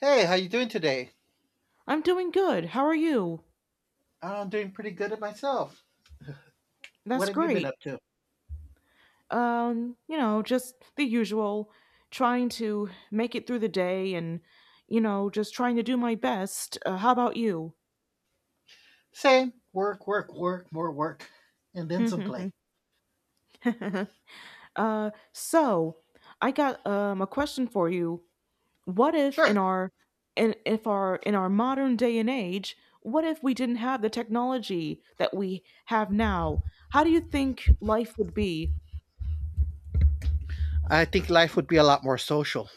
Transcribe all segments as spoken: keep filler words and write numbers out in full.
Hey, how you doing today? I'm doing good. How are you? I'm doing pretty good at myself. What That's have you been great. up to? Um, you know, just the usual, trying to make it through the day and, you know, just trying to do my best. Uh, how about you? Same. Work, work, work, more work, and then some play. uh, so I got um a question for you. What if Sure. in our in if our in our modern day and age, what if we didn't have the technology that we have now? How do you think life would be? I think life would be a lot more social.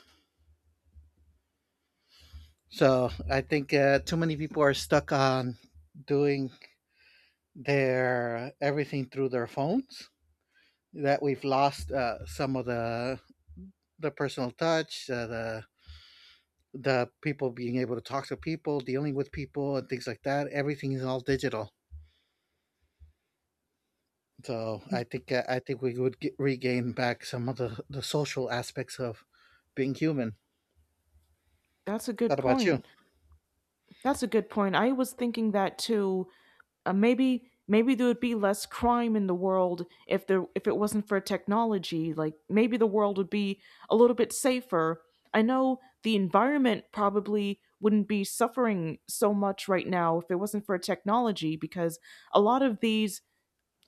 So I think uh, too many people are stuck on doing their uh, everything through their phones. That we've lost uh, some of the the personal touch, uh, the the people being able to talk to people, dealing with people, and things like that. Everything is all digital. So I think uh, I think we would get, regain back some of the, the social aspects of being human. That's a good What about you? point. That's a good point. I was thinking that too. Uh, maybe maybe there would be less crime in the world if there if it wasn't for technology. Like maybe the world would be a little bit safer. I know the environment probably wouldn't be suffering so much right now if it wasn't for technology because a lot of these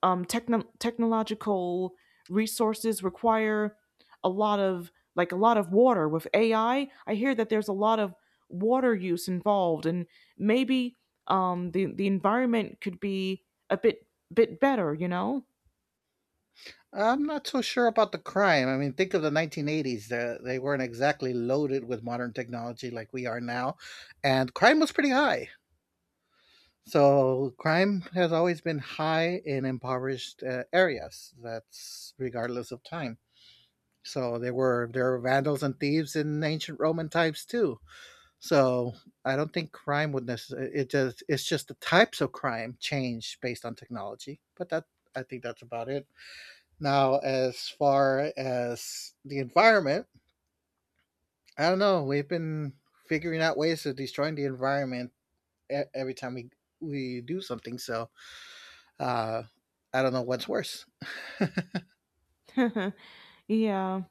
um, techno- technological resources require a lot of like a lot of water with A I. I I hear that there's a lot of water use involved, and maybe um, the the environment could be a bit bit better. You know? I'm not so sure about the crime. I mean, think of the nineteen eighties. They they weren't exactly loaded with modern technology like we are now, and crime was pretty high. So crime has always been high in impoverished uh, areas. That's regardless of time. So there were there were vandals and thieves in ancient Roman times too. So I don't think crime would necessarily. It just it's just the types of crime change based on technology. But that I think that's about it. Now, as far as the environment, I don't know. We've been figuring out ways of destroying the environment e- every time we we do something. So uh, I don't know what's worse. yeah.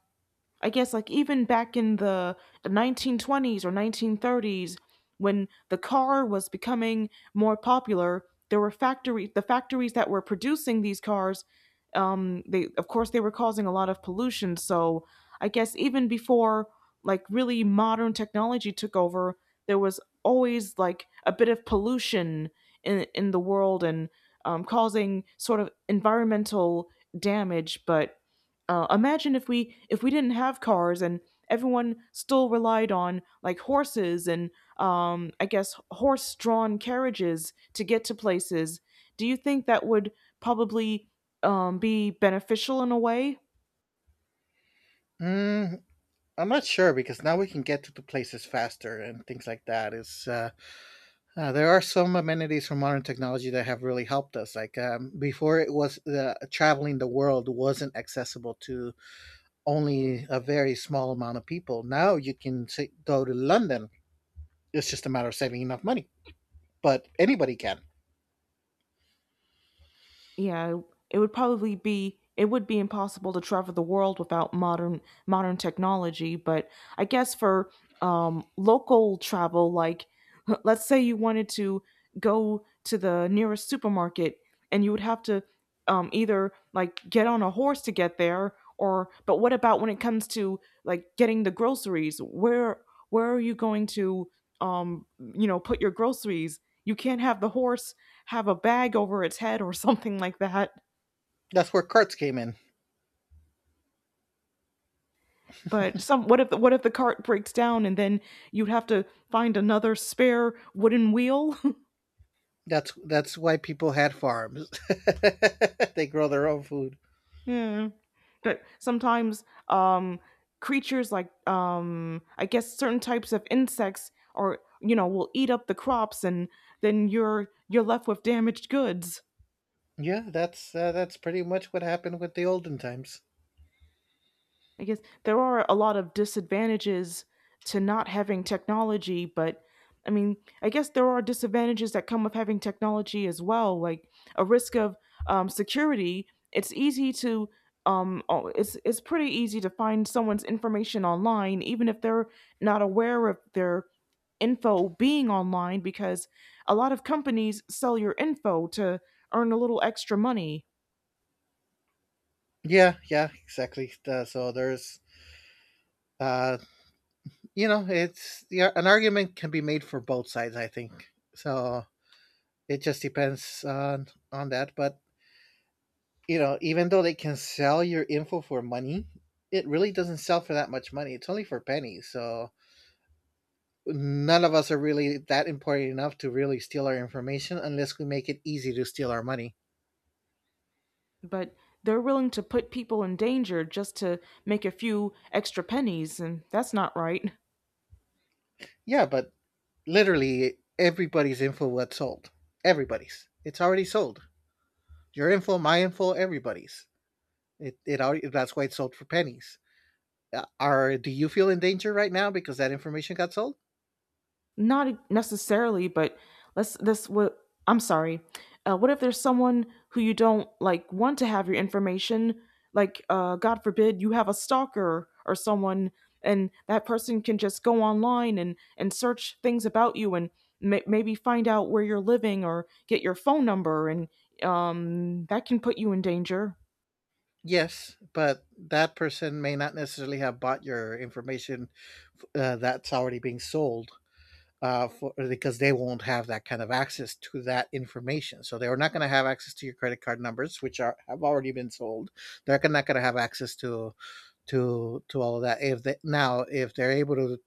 I guess like even back in the nineteen twenties or nineteen thirties when the car was becoming more popular, there were factory the factories that were producing these cars um they of course they were causing a lot of pollution, so I guess even before like really modern technology took over, there was always like a bit of pollution in in the world and um, causing sort of environmental damage, but uh, imagine if we if we didn't have cars and everyone still relied on like horses and um, I guess horse-drawn carriages to get to places. Do you think that would probably um, be beneficial in a way? Mm, I'm not sure because now we can get to the places faster and things like that. It's uh, Uh, there are some amenities from modern technology that have really helped us. Like um, before, it was the traveling the world wasn't accessible to only a very small amount of people. Now you can say, go to London. It's just a matter of saving enough money, but anybody can. Yeah, it would probably be it would be impossible to travel the world without modern modern technology, but I guess for um local travel like let's say you wanted to go to the nearest supermarket and you would have to um either like get on a horse to get there or but what about when it comes to like getting the groceries? Where where are you going to um you know put your groceries? You can't have the horse have a bag over its head or something like that. That's where carts came in. But some what if the, what if the cart breaks down and then you'd have to find another spare wooden wheel? That's that's why people had farms. They grow their own food. Yeah. But sometimes um creatures like um I guess certain types of insects or you know will eat up the crops and then you're you're left with damaged goods. Yeah, that's uh, that's pretty much what happened with the olden times. I guess there are a lot of disadvantages to not having technology, but I mean, I guess there are disadvantages that come with having technology as well, like a risk of um, security. It's easy to um, oh, it's it's pretty easy to find someone's information online, even if they're not aware of their info being online, because a lot of companies sell your info to earn a little extra money. Yeah, yeah, exactly. Uh, so there's uh, you know, it's yeah, an argument can be made for both sides. I think so. It just depends on on that. But you know, even though they can sell your info for money, it really doesn't sell for that much money. It's only for pennies. So none of us are really that important enough to really steal our information unless we make it easy to steal our money. But they're willing to put people in danger just to make a few extra pennies, and that's not right. Yeah, but literally everybody's info was sold. Everybody's. It's already sold. Your info, my info, everybody's. It it already, that's why it's sold for pennies. Uh, Are do you feel in danger right now because that information got sold? Not necessarily, but let's this what I'm sorry. Uh, what if there's someone who you don't like want to have your information? Like, uh, God forbid, you have a stalker or someone, and that person can just go online and and search things about you and ma- maybe find out where you're living or get your phone number, and um, that can put you in danger. Yes, but that person may not necessarily have bought your information uh, that's already being sold uh, for, because they won't have that kind of access to that information. So they're not going to have access to your credit card numbers, which are have already been sold. They're not going to have access to to to all of that. If they, now if they're able to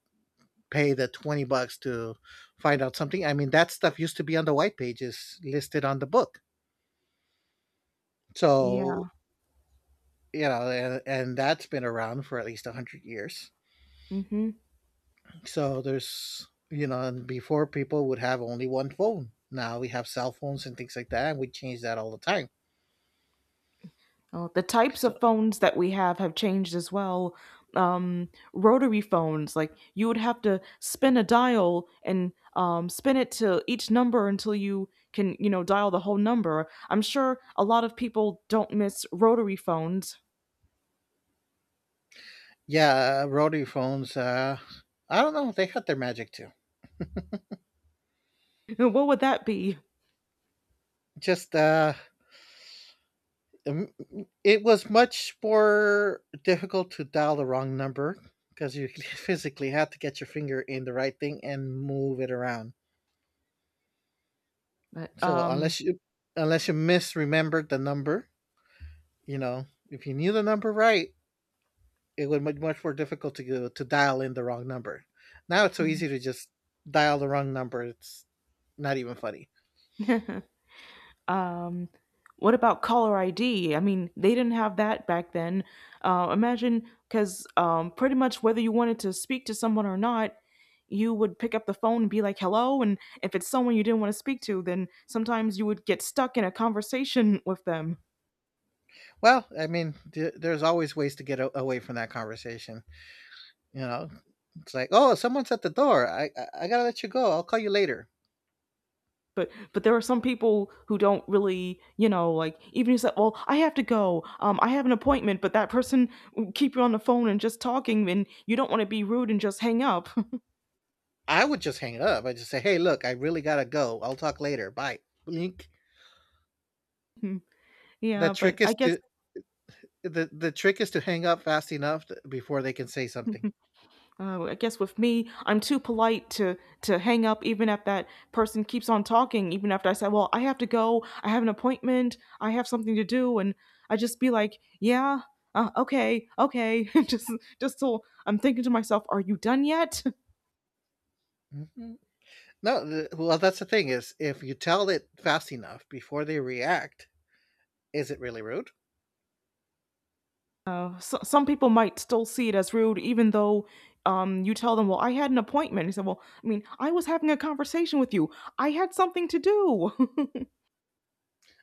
pay the twenty bucks to find out something, I mean that stuff used to be on the white pages listed on the book. So Yeah. you know, and, and that's been around for at least a hundred years. Hmm. So there's you know, and before people would have only one phone. Now we have cell phones and things like that, and we change that all the time. Oh, the types So of phones that we have have changed as well. Um, rotary phones, like you would have to spin a dial and um, spin it to each number until you can, you know, dial the whole number. I'm sure a lot of people don't miss rotary phones. yeah, rotary phones. Uh, I don't know. They had their magic too. What would that be? Just uh, um, it was much more difficult to dial the wrong number because you physically had to get your finger in the right thing and move it around. But So um, unless you unless you misremembered the number. You know, if you knew the number right, it would be much more difficult to go, to dial in the wrong number. Now it's so easy to just dial the wrong number. It's not even funny. Um, what about caller I D? I mean, they didn't have that back then. Uh, imagine, because um, pretty much whether you wanted to speak to someone or not, you would pick up the phone and be like, hello. And if it's someone you didn't want to speak to, then sometimes you would get stuck in a conversation with them. Well, I mean, th- there's always ways to get a- away from that conversation. You know, it's like, oh, someone's at the door. I-, I I gotta let you go. I'll call you later. But but there are some people who don't really, you know, like even you said, well, I have to go. Um, I have an appointment, but that person will keep you on the phone and just talking, and you don't want to be rude and just hang up. I would just hang up. I just say, hey, look, I really gotta go. I'll talk later. Bye. Blink. The yeah, but trick I is guess to the the trick is to hang up fast enough th- before they can say something. Uh, I guess with me, I'm too polite to to hang up, even if that person keeps on talking. Even after I said, "Well, I have to go. I have an appointment. I have something to do," and I just be like, "Yeah, uh, okay, okay," just just till I'm thinking to myself, "Are you done yet?" Mhm. No, th- well, That's the thing is, if you tell it fast enough before they react, is it really rude? Uh, so, some people might still see it as rude, even though um, you tell them, "Well, I had an appointment." He said, "Well, I mean, I was having a conversation with you. I had something to do."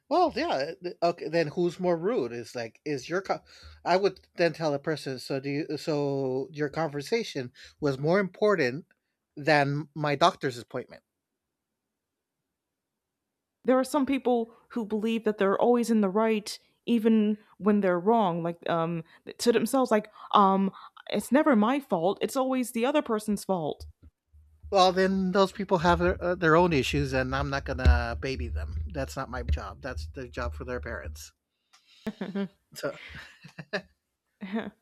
Well, yeah. th- Okay, then who's more rude? Is like, is your, co- I would then tell a person. So do you? So your conversation was more important than my doctor's appointment. There are some people who believe that they're always in the right even when they're wrong, like um to themselves, like um it's never my fault, it's always the other person's fault. Well, then those people have their, uh, their own issues, and I'm not gonna baby them. That's not my job. That's the job for their parents. So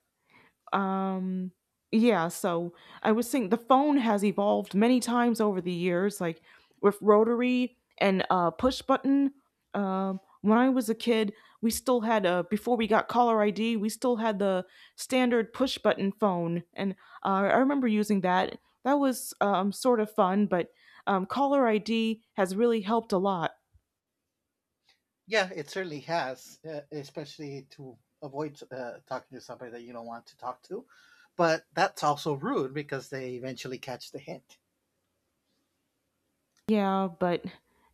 Um, yeah, so I was saying the phone has evolved many times over the years, like with rotary and uh, push button. Um, when I was a kid, we still had a before we got caller I D, we still had the standard push button phone, and uh, I remember using that. That was um, sort of fun, but um, caller I D has really helped a lot. yeah, it certainly has, uh, especially to avoid uh, talking to somebody that you don't want to talk to. But that's also rude because they eventually catch the hint. Yeah, but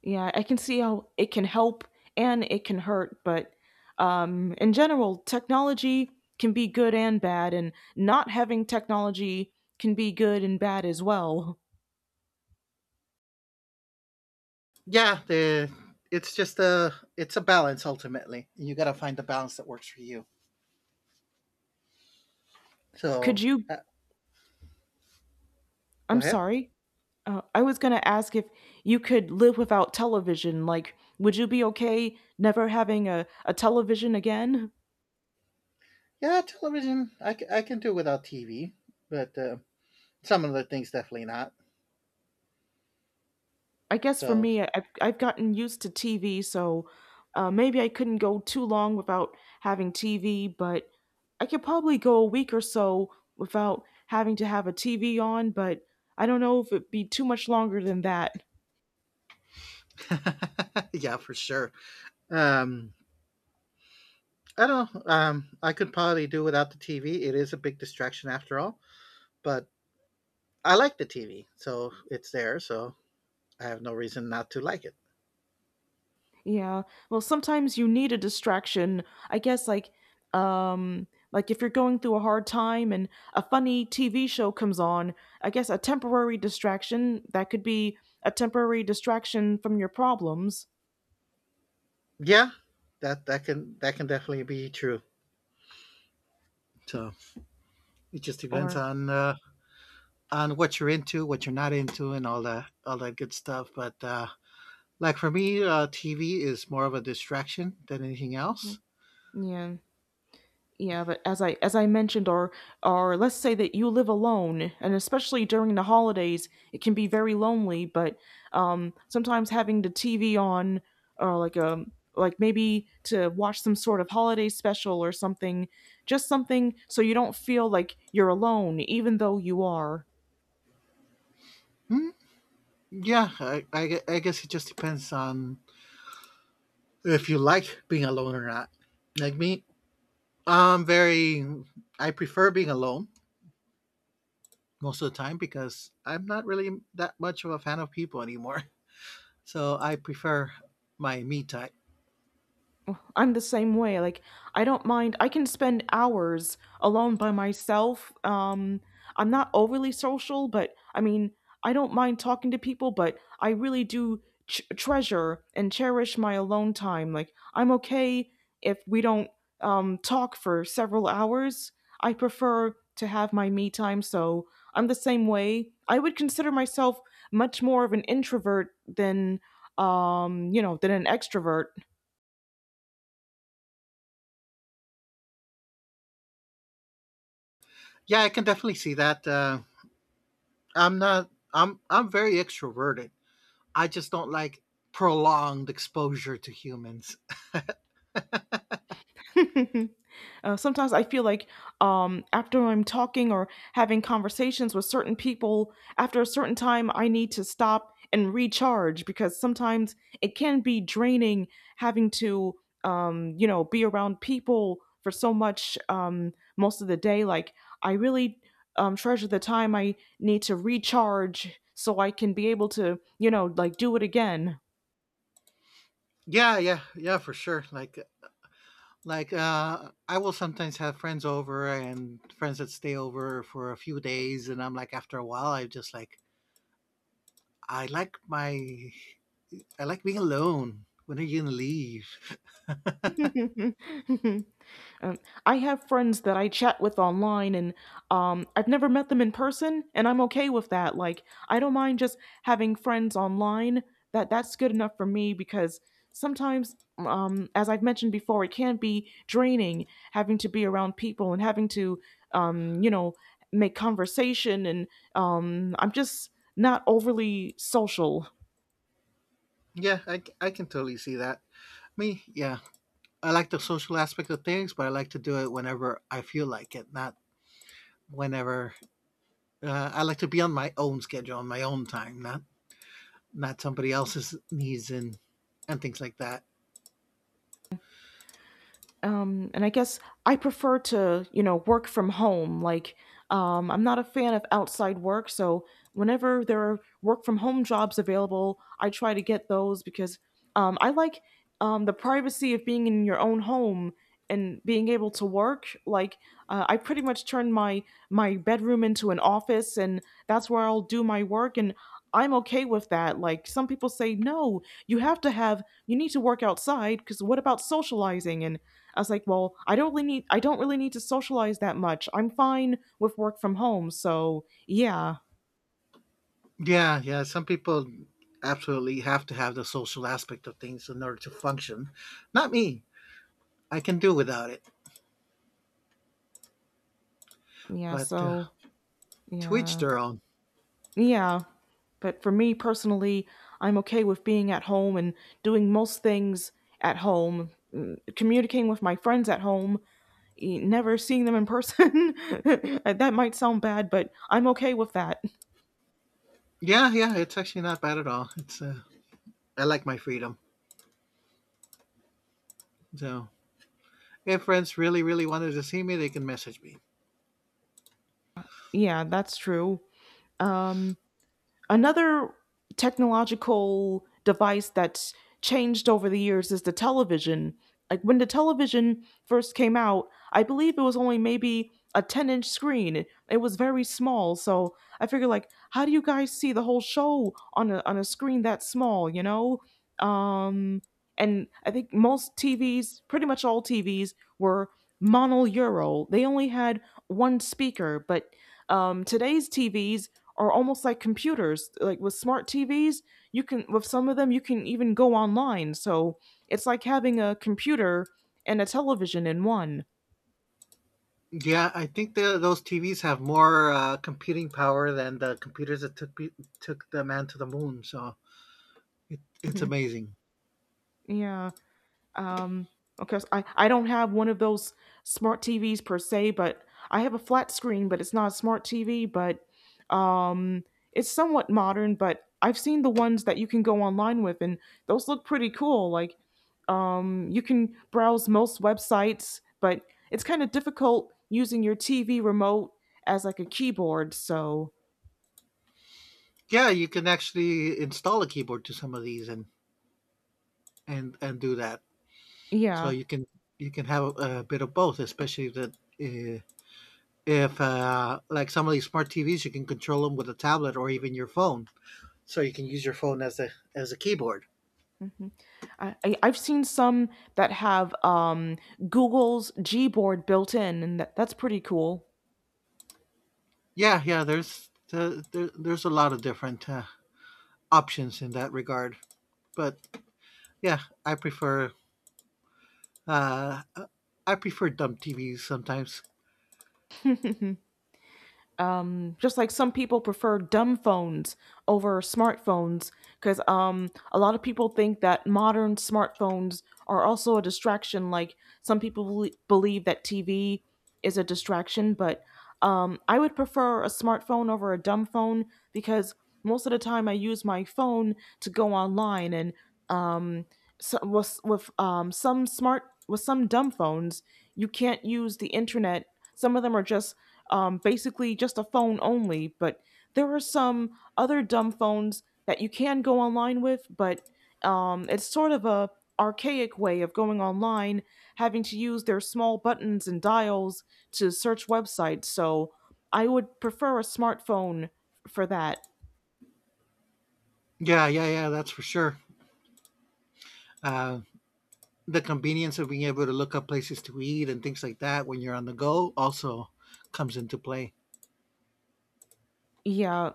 yeah, I can see how it can help and it can hurt, but um, in general, technology can be good and bad, and not having technology can be good and bad as well. Yeah, the it's just a it's a balance ultimately. You got to find the balance that works for you. Could So you? uh, go I'm ahead. sorry. Uh, I was going to ask if you could live without television. Like, would you be okay never having a, a television again? Yeah, television. I, c- I can do without T V, but uh, some of the things definitely not. I guess for So me, I- I've, I've gotten used to T V, so uh, maybe I couldn't go too long without having T V, but I could probably go a week or so without having to have a T V on, but I don't know if it'd be too much longer than that. yeah, for sure. Um, I don't know. Um, I could probably do without the T V. It is a big distraction after all, but I like the T V, so it's there, so I have no reason not to like it. Yeah. Well, sometimes you need a distraction. I guess like um like if you're going through a hard time and a funny T V show comes on, I guess a temporary distraction that could be a temporary distraction from your problems. Yeah, that that can that can definitely be true. So it just depends Or on uh, on what you're into, what you're not into, and all that all that good stuff. But uh, like for me, uh, T V is more of a distraction than anything Mhm. else. Yeah. Yeah, but as I as I mentioned, or or let's say that you live alone, and especially during the holidays, it can be very lonely. But um, sometimes having the T V on, or like a like maybe to watch some sort of holiday special or something, just something so you don't feel like you're alone, even though you are. Yeah, I, I, I guess it just depends on if you like being alone or not. Like me, I'm very I prefer being alone most of the time because I'm not really that much of a fan of people anymore. So I prefer my me time. I'm the same way. Like I don't mind. I can spend hours alone by myself. Um I'm not overly social, but I mean, I don't mind talking to people, but I really do ch- treasure and cherish my alone time. Like I'm okay if we don't um talk for several hours. I prefer to have my me time, so I'm the same way. I would consider myself much more of an introvert than um, you know, than an extrovert. Yeah, I can definitely see that. Uh, I'm not. I'm I'm very extroverted. I just don't like prolonged exposure to humans. Uh, sometimes I feel like um, after I'm talking or having conversations with certain people, after a certain time, I need to stop and recharge because sometimes it can be draining having to, um, you know, be around people for so much um, most of the day. Like, I really um, treasure the time I need to recharge so I can be able to, you know, like do it again. Yeah, yeah, yeah, for sure. Like like uh I will sometimes have friends over and friends that stay over for a few days and I'm like after a while I just like I like my I like being alone. When are you gonna leave? Um, I have friends that I chat with online, and um, I've never met them in person, and I'm okay with that. Like, I don't mind just having friends online. That that's good enough for me because sometimes, um, as I've mentioned before, it can be draining having to be around people and having to, um, you know, make conversation. And um, I'm just not overly social. Yeah, I, c- I can totally see that. Me, yeah, I like the social aspect of things, but I like to do it whenever I feel like it, not whenever. Uh, I like to be on my own schedule, on my own time, not not somebody else's needs and and things like that. Um, and I guess I prefer to, you know, work from home. Like, um, I'm not a fan of outside work, so whenever there are work from home jobs available, I try to get those because um, I like um, the privacy of being in your own home and being able to work. Like, uh, I pretty much turned my my bedroom into an office, and that's where I'll do my work and. I'm okay with that. Like some people say, no, you have to have, you need to work outside because what about socializing? And I was like, well, I don't really need I don't really need to socialize that much. I'm fine with work from home, so yeah. Yeah, yeah. Some people absolutely have to have the social aspect of things in order to function. Not me. I can do without it, Yeah, but uh, so to each yeah. their own. Yeah. But for me personally, I'm okay with being at home and doing most things at home, mm, communicating with my friends at home, e- never seeing them in person. That might sound bad, but I'm okay with that. Yeah, yeah. It's actually not bad at all. It's uh, I like my freedom, so if friends really, really wanted to see me, they can message me. Yeah, that's true. Um Another technological device that's changed over the years is the television. Like when the television first came out, I believe it was only maybe a ten inch screen. It was very small. So I figured, like, how do you guys see the whole show on a, on a screen that small, you know? Um, and I think most T Vs, pretty much all T Vs, were mono euro. They only had one speaker, but um, today's T Vs are almost like computers, like with smart T Vs you can with some of them you can even go online, so it's like having a computer and a television in one. Yeah, I think the, those T Vs have more uh, computing power than the computers that took took the man to the moon. So it, it's Mhm. amazing. Yeah. Um, because I, I don't have one of those smart T Vs per se, but I have a flat screen, but it's not a smart T V, but um, it's somewhat modern, but I've seen the ones that you can go online with, and those look pretty cool. Like, um, you can browse most websites, but it's kind of difficult using your T V remote as like a keyboard, so Yeah, you can actually install a keyboard to some of these and and and do that. So yeah. you can you can have a, a bit of both, especially that uh, if uh, like some of these smart T Vs, you can control them with a tablet or even your phone. So you can use your phone as a as a keyboard. Mhm. I I I've seen some that have, um, Google's Gboard built in, and that that's pretty cool. Yeah, yeah. There's uh, there, there's a lot of different uh, options in that regard, but yeah, I prefer uh, I prefer dumb T Vs sometimes. Um, just like some people prefer dumb phones over smartphones, because um, a lot of people think that modern smartphones are also a distraction, like some people bel- believe that tv is a distraction. But um, I would prefer a smartphone over a dumb phone because most of the time I use my phone to go online. And um, so, with, with um, some smart with some dumb phones, you can't use the internet. Some of them are just um, basically just a phone only. But there are some other dumb phones that you can go online with, but um, it's sort of a archaic way of going online, having to use their small buttons and dials to search websites. So I would prefer a smartphone for that. Yeah, yeah, yeah. That's for sure. Uh, the convenience of being able to look up places to eat and things like that when you're on the go also comes into play. Yeah.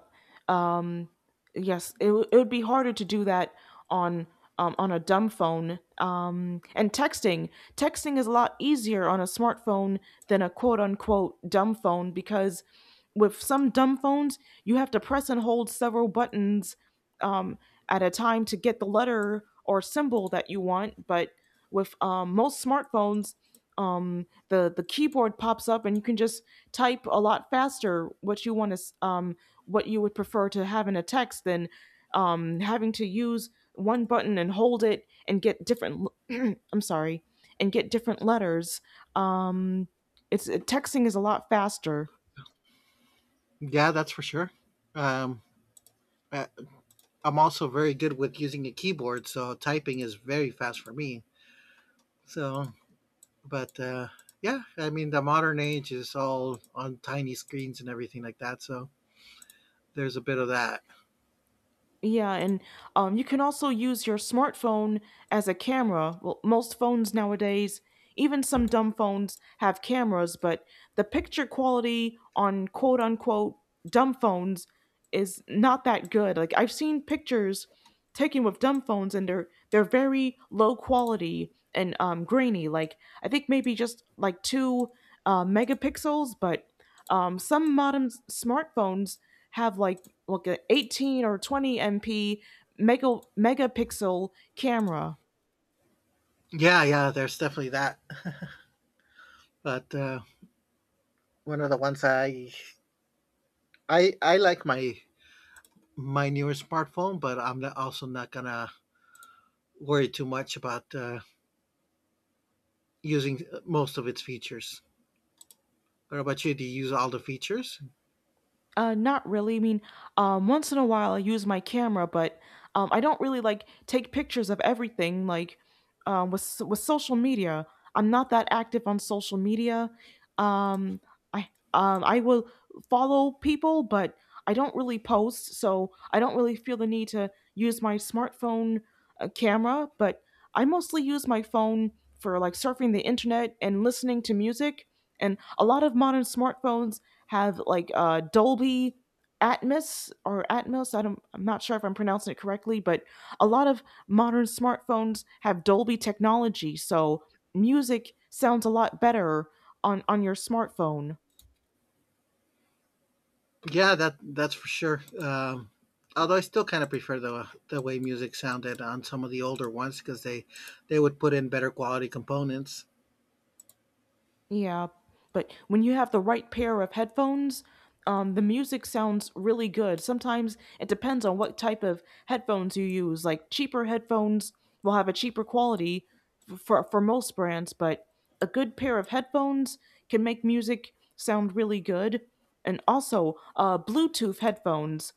um yes, it, w- it would be harder to do that on um, on a dumb phone. Um and texting texting is a lot easier on a smartphone than a quote unquote dumb phone, because with some dumb phones you have to press and hold several buttons um at a time to get the letter or symbol that you want. But with um, most smartphones, um the the keyboard pops up and you can just type a lot faster what you want to um what you would prefer to have in a text than um, having to use one button and hold it and get different i i'm sorry. And get different letters. Um, it's Texting is a lot faster. Yeah, that's for sure. Um, I- I'm also very good with using a keyboard, so typing is very fast for me. So But, uh, yeah, I mean, the modern age is all on tiny screens and everything like that, so there's a bit of that. Yeah, and um, you can also use your smartphone as a camera. Well, most phones nowadays, even some dumb phones, have cameras, but the picture quality on quote unquote dumb phones is not that good. Like I've seen pictures taken with dumb phones, and they're they're very low quality and um, grainy. Like I think maybe just like two uh, megapixels, but um, some modern s- smartphones have like like a eighteen or twenty M P mega megapixel camera. Yeah, yeah, there's definitely that. but uh, One of the ones I, I, I like my my newer smartphone, but I'm not, also not gonna worry too much about uh, using most of its features. What about you? Do you use all the features? Uh, not really. I mean, um, once in a while I use my camera, but um, I don't really like take pictures of everything. Like um, with s- with social media, I'm not that active on social media. Um, I um, I will follow people, but I don't really post, so I don't really feel the need to use my smartphone uh, camera. But I mostly use my phone for like surfing the internet and listening to music. And a lot of modern smartphones have like uh, Dolby Atmos or Atmos. I don't, I'm not sure if I'm pronouncing it correctly, but a lot of modern smartphones have Dolby technology, so music sounds a lot better on on your smartphone. Yeah, that that's for sure. Um, although I still kind of prefer the the way music sounded on some of the older ones because they they would put in better quality components. Yeah, but when you have the right pair of headphones, um, the music sounds really good. Sometimes it depends on what type of headphones you use. Like cheaper headphones will have a cheaper quality f- for for most brands, but a good pair of headphones can make music sound really good. And also, uh, Bluetooth headphones.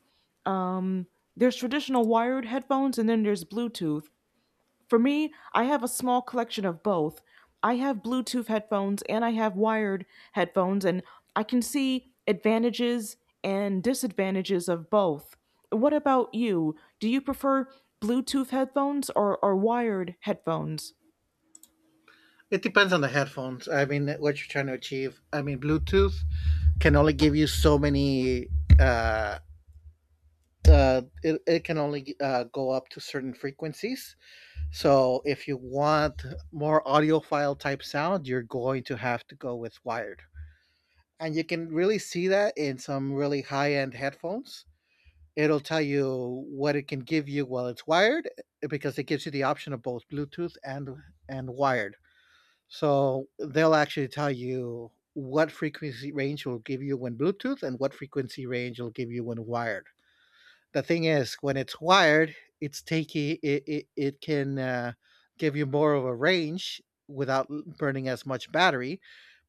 Um, there's traditional wired headphones, and then there's Bluetooth. For me, I have a small collection of both. I have Bluetooth headphones and I have wired headphones, and I can see advantages and disadvantages of both. What about you? Do you prefer Bluetooth headphones or, or wired headphones? It depends on the headphones. I mean, what you're trying to achieve. I mean, Bluetooth can only give you so many. Uh, uh, it, it can only uh, go up to certain frequencies. So if you want more audiophile type sound, you're going to have to go with wired, and you can really see that in some really high end headphones. It'll tell you what it can give you while it's wired, eh, because it gives you the option of both Bluetooth and and wired. So they'll actually tell you what frequency range will give you when Bluetooth and what frequency range will give you when wired. The thing is when it's wired, it's taking it, it, it can uh, give you more of a range without burning as much battery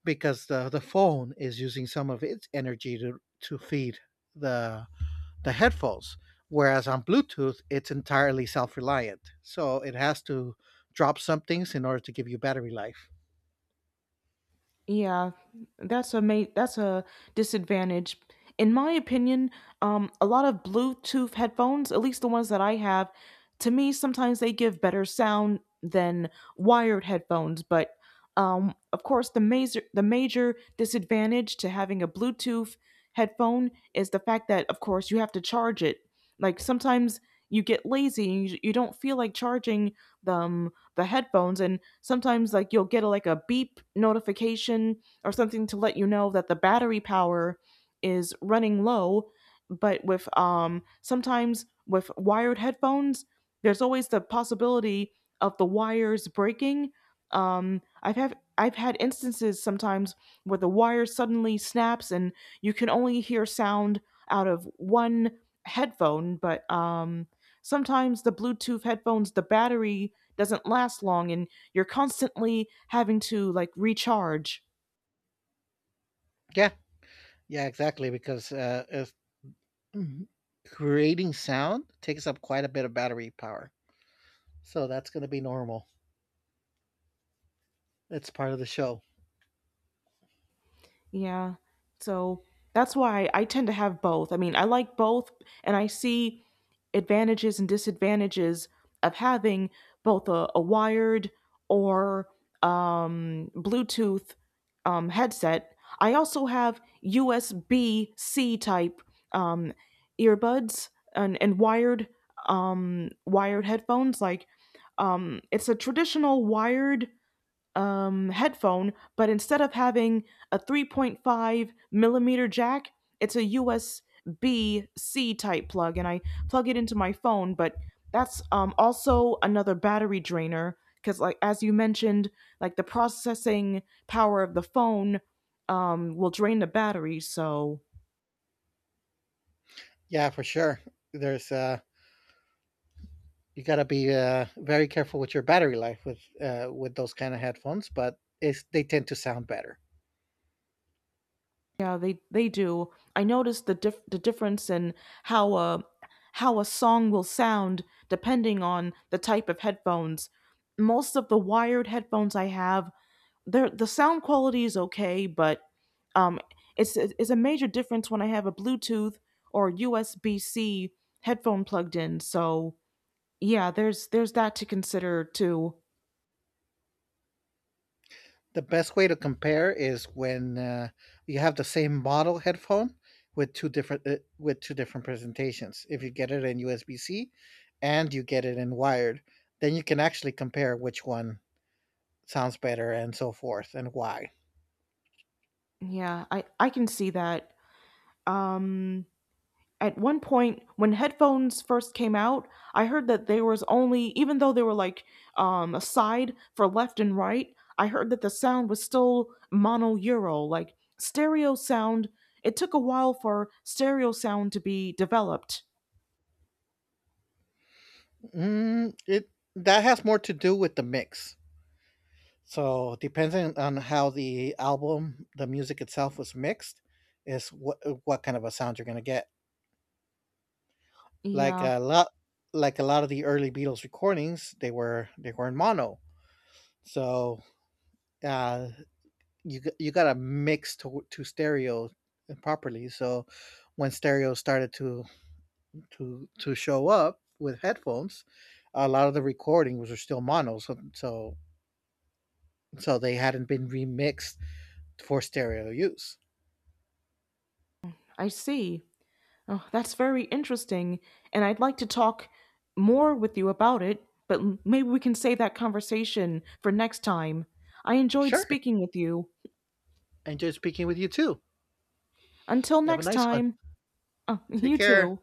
because the, the phone is using some of its energy to, to feed the the headphones. Whereas on Bluetooth, it's entirely self reliant. So it has to drop some things in order to give you battery life. Yeah, that's a ma- that's a disadvantage. In my opinion, um, a lot of Bluetooth headphones, at least the ones that I have, to me sometimes they give better sound than wired headphones. But um, of course, the major the major disadvantage to having a Bluetooth headphone is the fact that, of course, you have to charge it. Like sometimes you get lazy and you, you don't feel like charging them the headphones, and sometimes like you'll get a, like a beep notification or something to let you know that the battery power is running low. But with um sometimes with wired headphones, there's always the possibility of the wires breaking. um i've had i've had instances sometimes where the wire suddenly snaps and you can only hear sound out of one headphone, but um, sometimes the Bluetooth headphones, the battery doesn't last long, and you're constantly having to like recharge. Yeah, yeah, exactly. Because uh, if mm-hmm, creating sound takes up quite a bit of battery power. So that's going to be normal. It's part of the show. Yeah. So that's why I tend to have both. I mean, I like both and I see advantages and disadvantages of having both a, a wired or um, Bluetooth um, headset. I also have U S B C type um, earbuds and, and wired um, wired headphones. Like um, it's a traditional wired um, headphone, but instead of having a three point five millimeter jack, it's a U S B C type plug, and I plug it into my phone. But that's um, also another battery drainer because, like as you mentioned, like the processing power of the phone um, will drain the battery. So Yeah, for sure. There's uh You got to be uh very careful with your battery life with uh with those kind of headphones, but it's they tend to sound better. yeah, they they do. I noticed the dif- the difference in how a how a song will sound depending on the type of headphones. Most of the wired headphones I have, their the sound quality is okay, but um, it's it's a major difference when I have a Bluetooth or U S B C headphone plugged in. So yeah, there's there's that to consider too. The best way to compare is when uh, you have the same model headphone with two different uh, with two different presentations. If you get it in U S B-C and you get it in wired, then you can actually compare which one sounds better and so forth and why. Yeah, I I can see that. Um, at one point, when headphones first came out, I heard that there was only even though they were like um a side for left and right, I heard that the sound was still mono euro, like stereo sound. It took a while for stereo sound to be developed. Mm, it that has more to do with the mix. So depending on how the album, the music itself was mixed, is what what kind of a sound you're gonna get. like Yeah, a lot like a lot of the early Beatles recordings, they were they were in mono. So uh, you g- you got to mix to to stereo properly. So when stereo started to to to show up with headphones, a lot of the recordings were still mono. So so so they hadn't been remixed for stereo use. I see. Oh, that's very interesting, and I'd like to talk more with you about it, but m- maybe we can save that conversation for next time. I enjoyed Sure, speaking with you. enjoy speaking with you too. Until Have a next nice one. time. Oh, Take you care. too.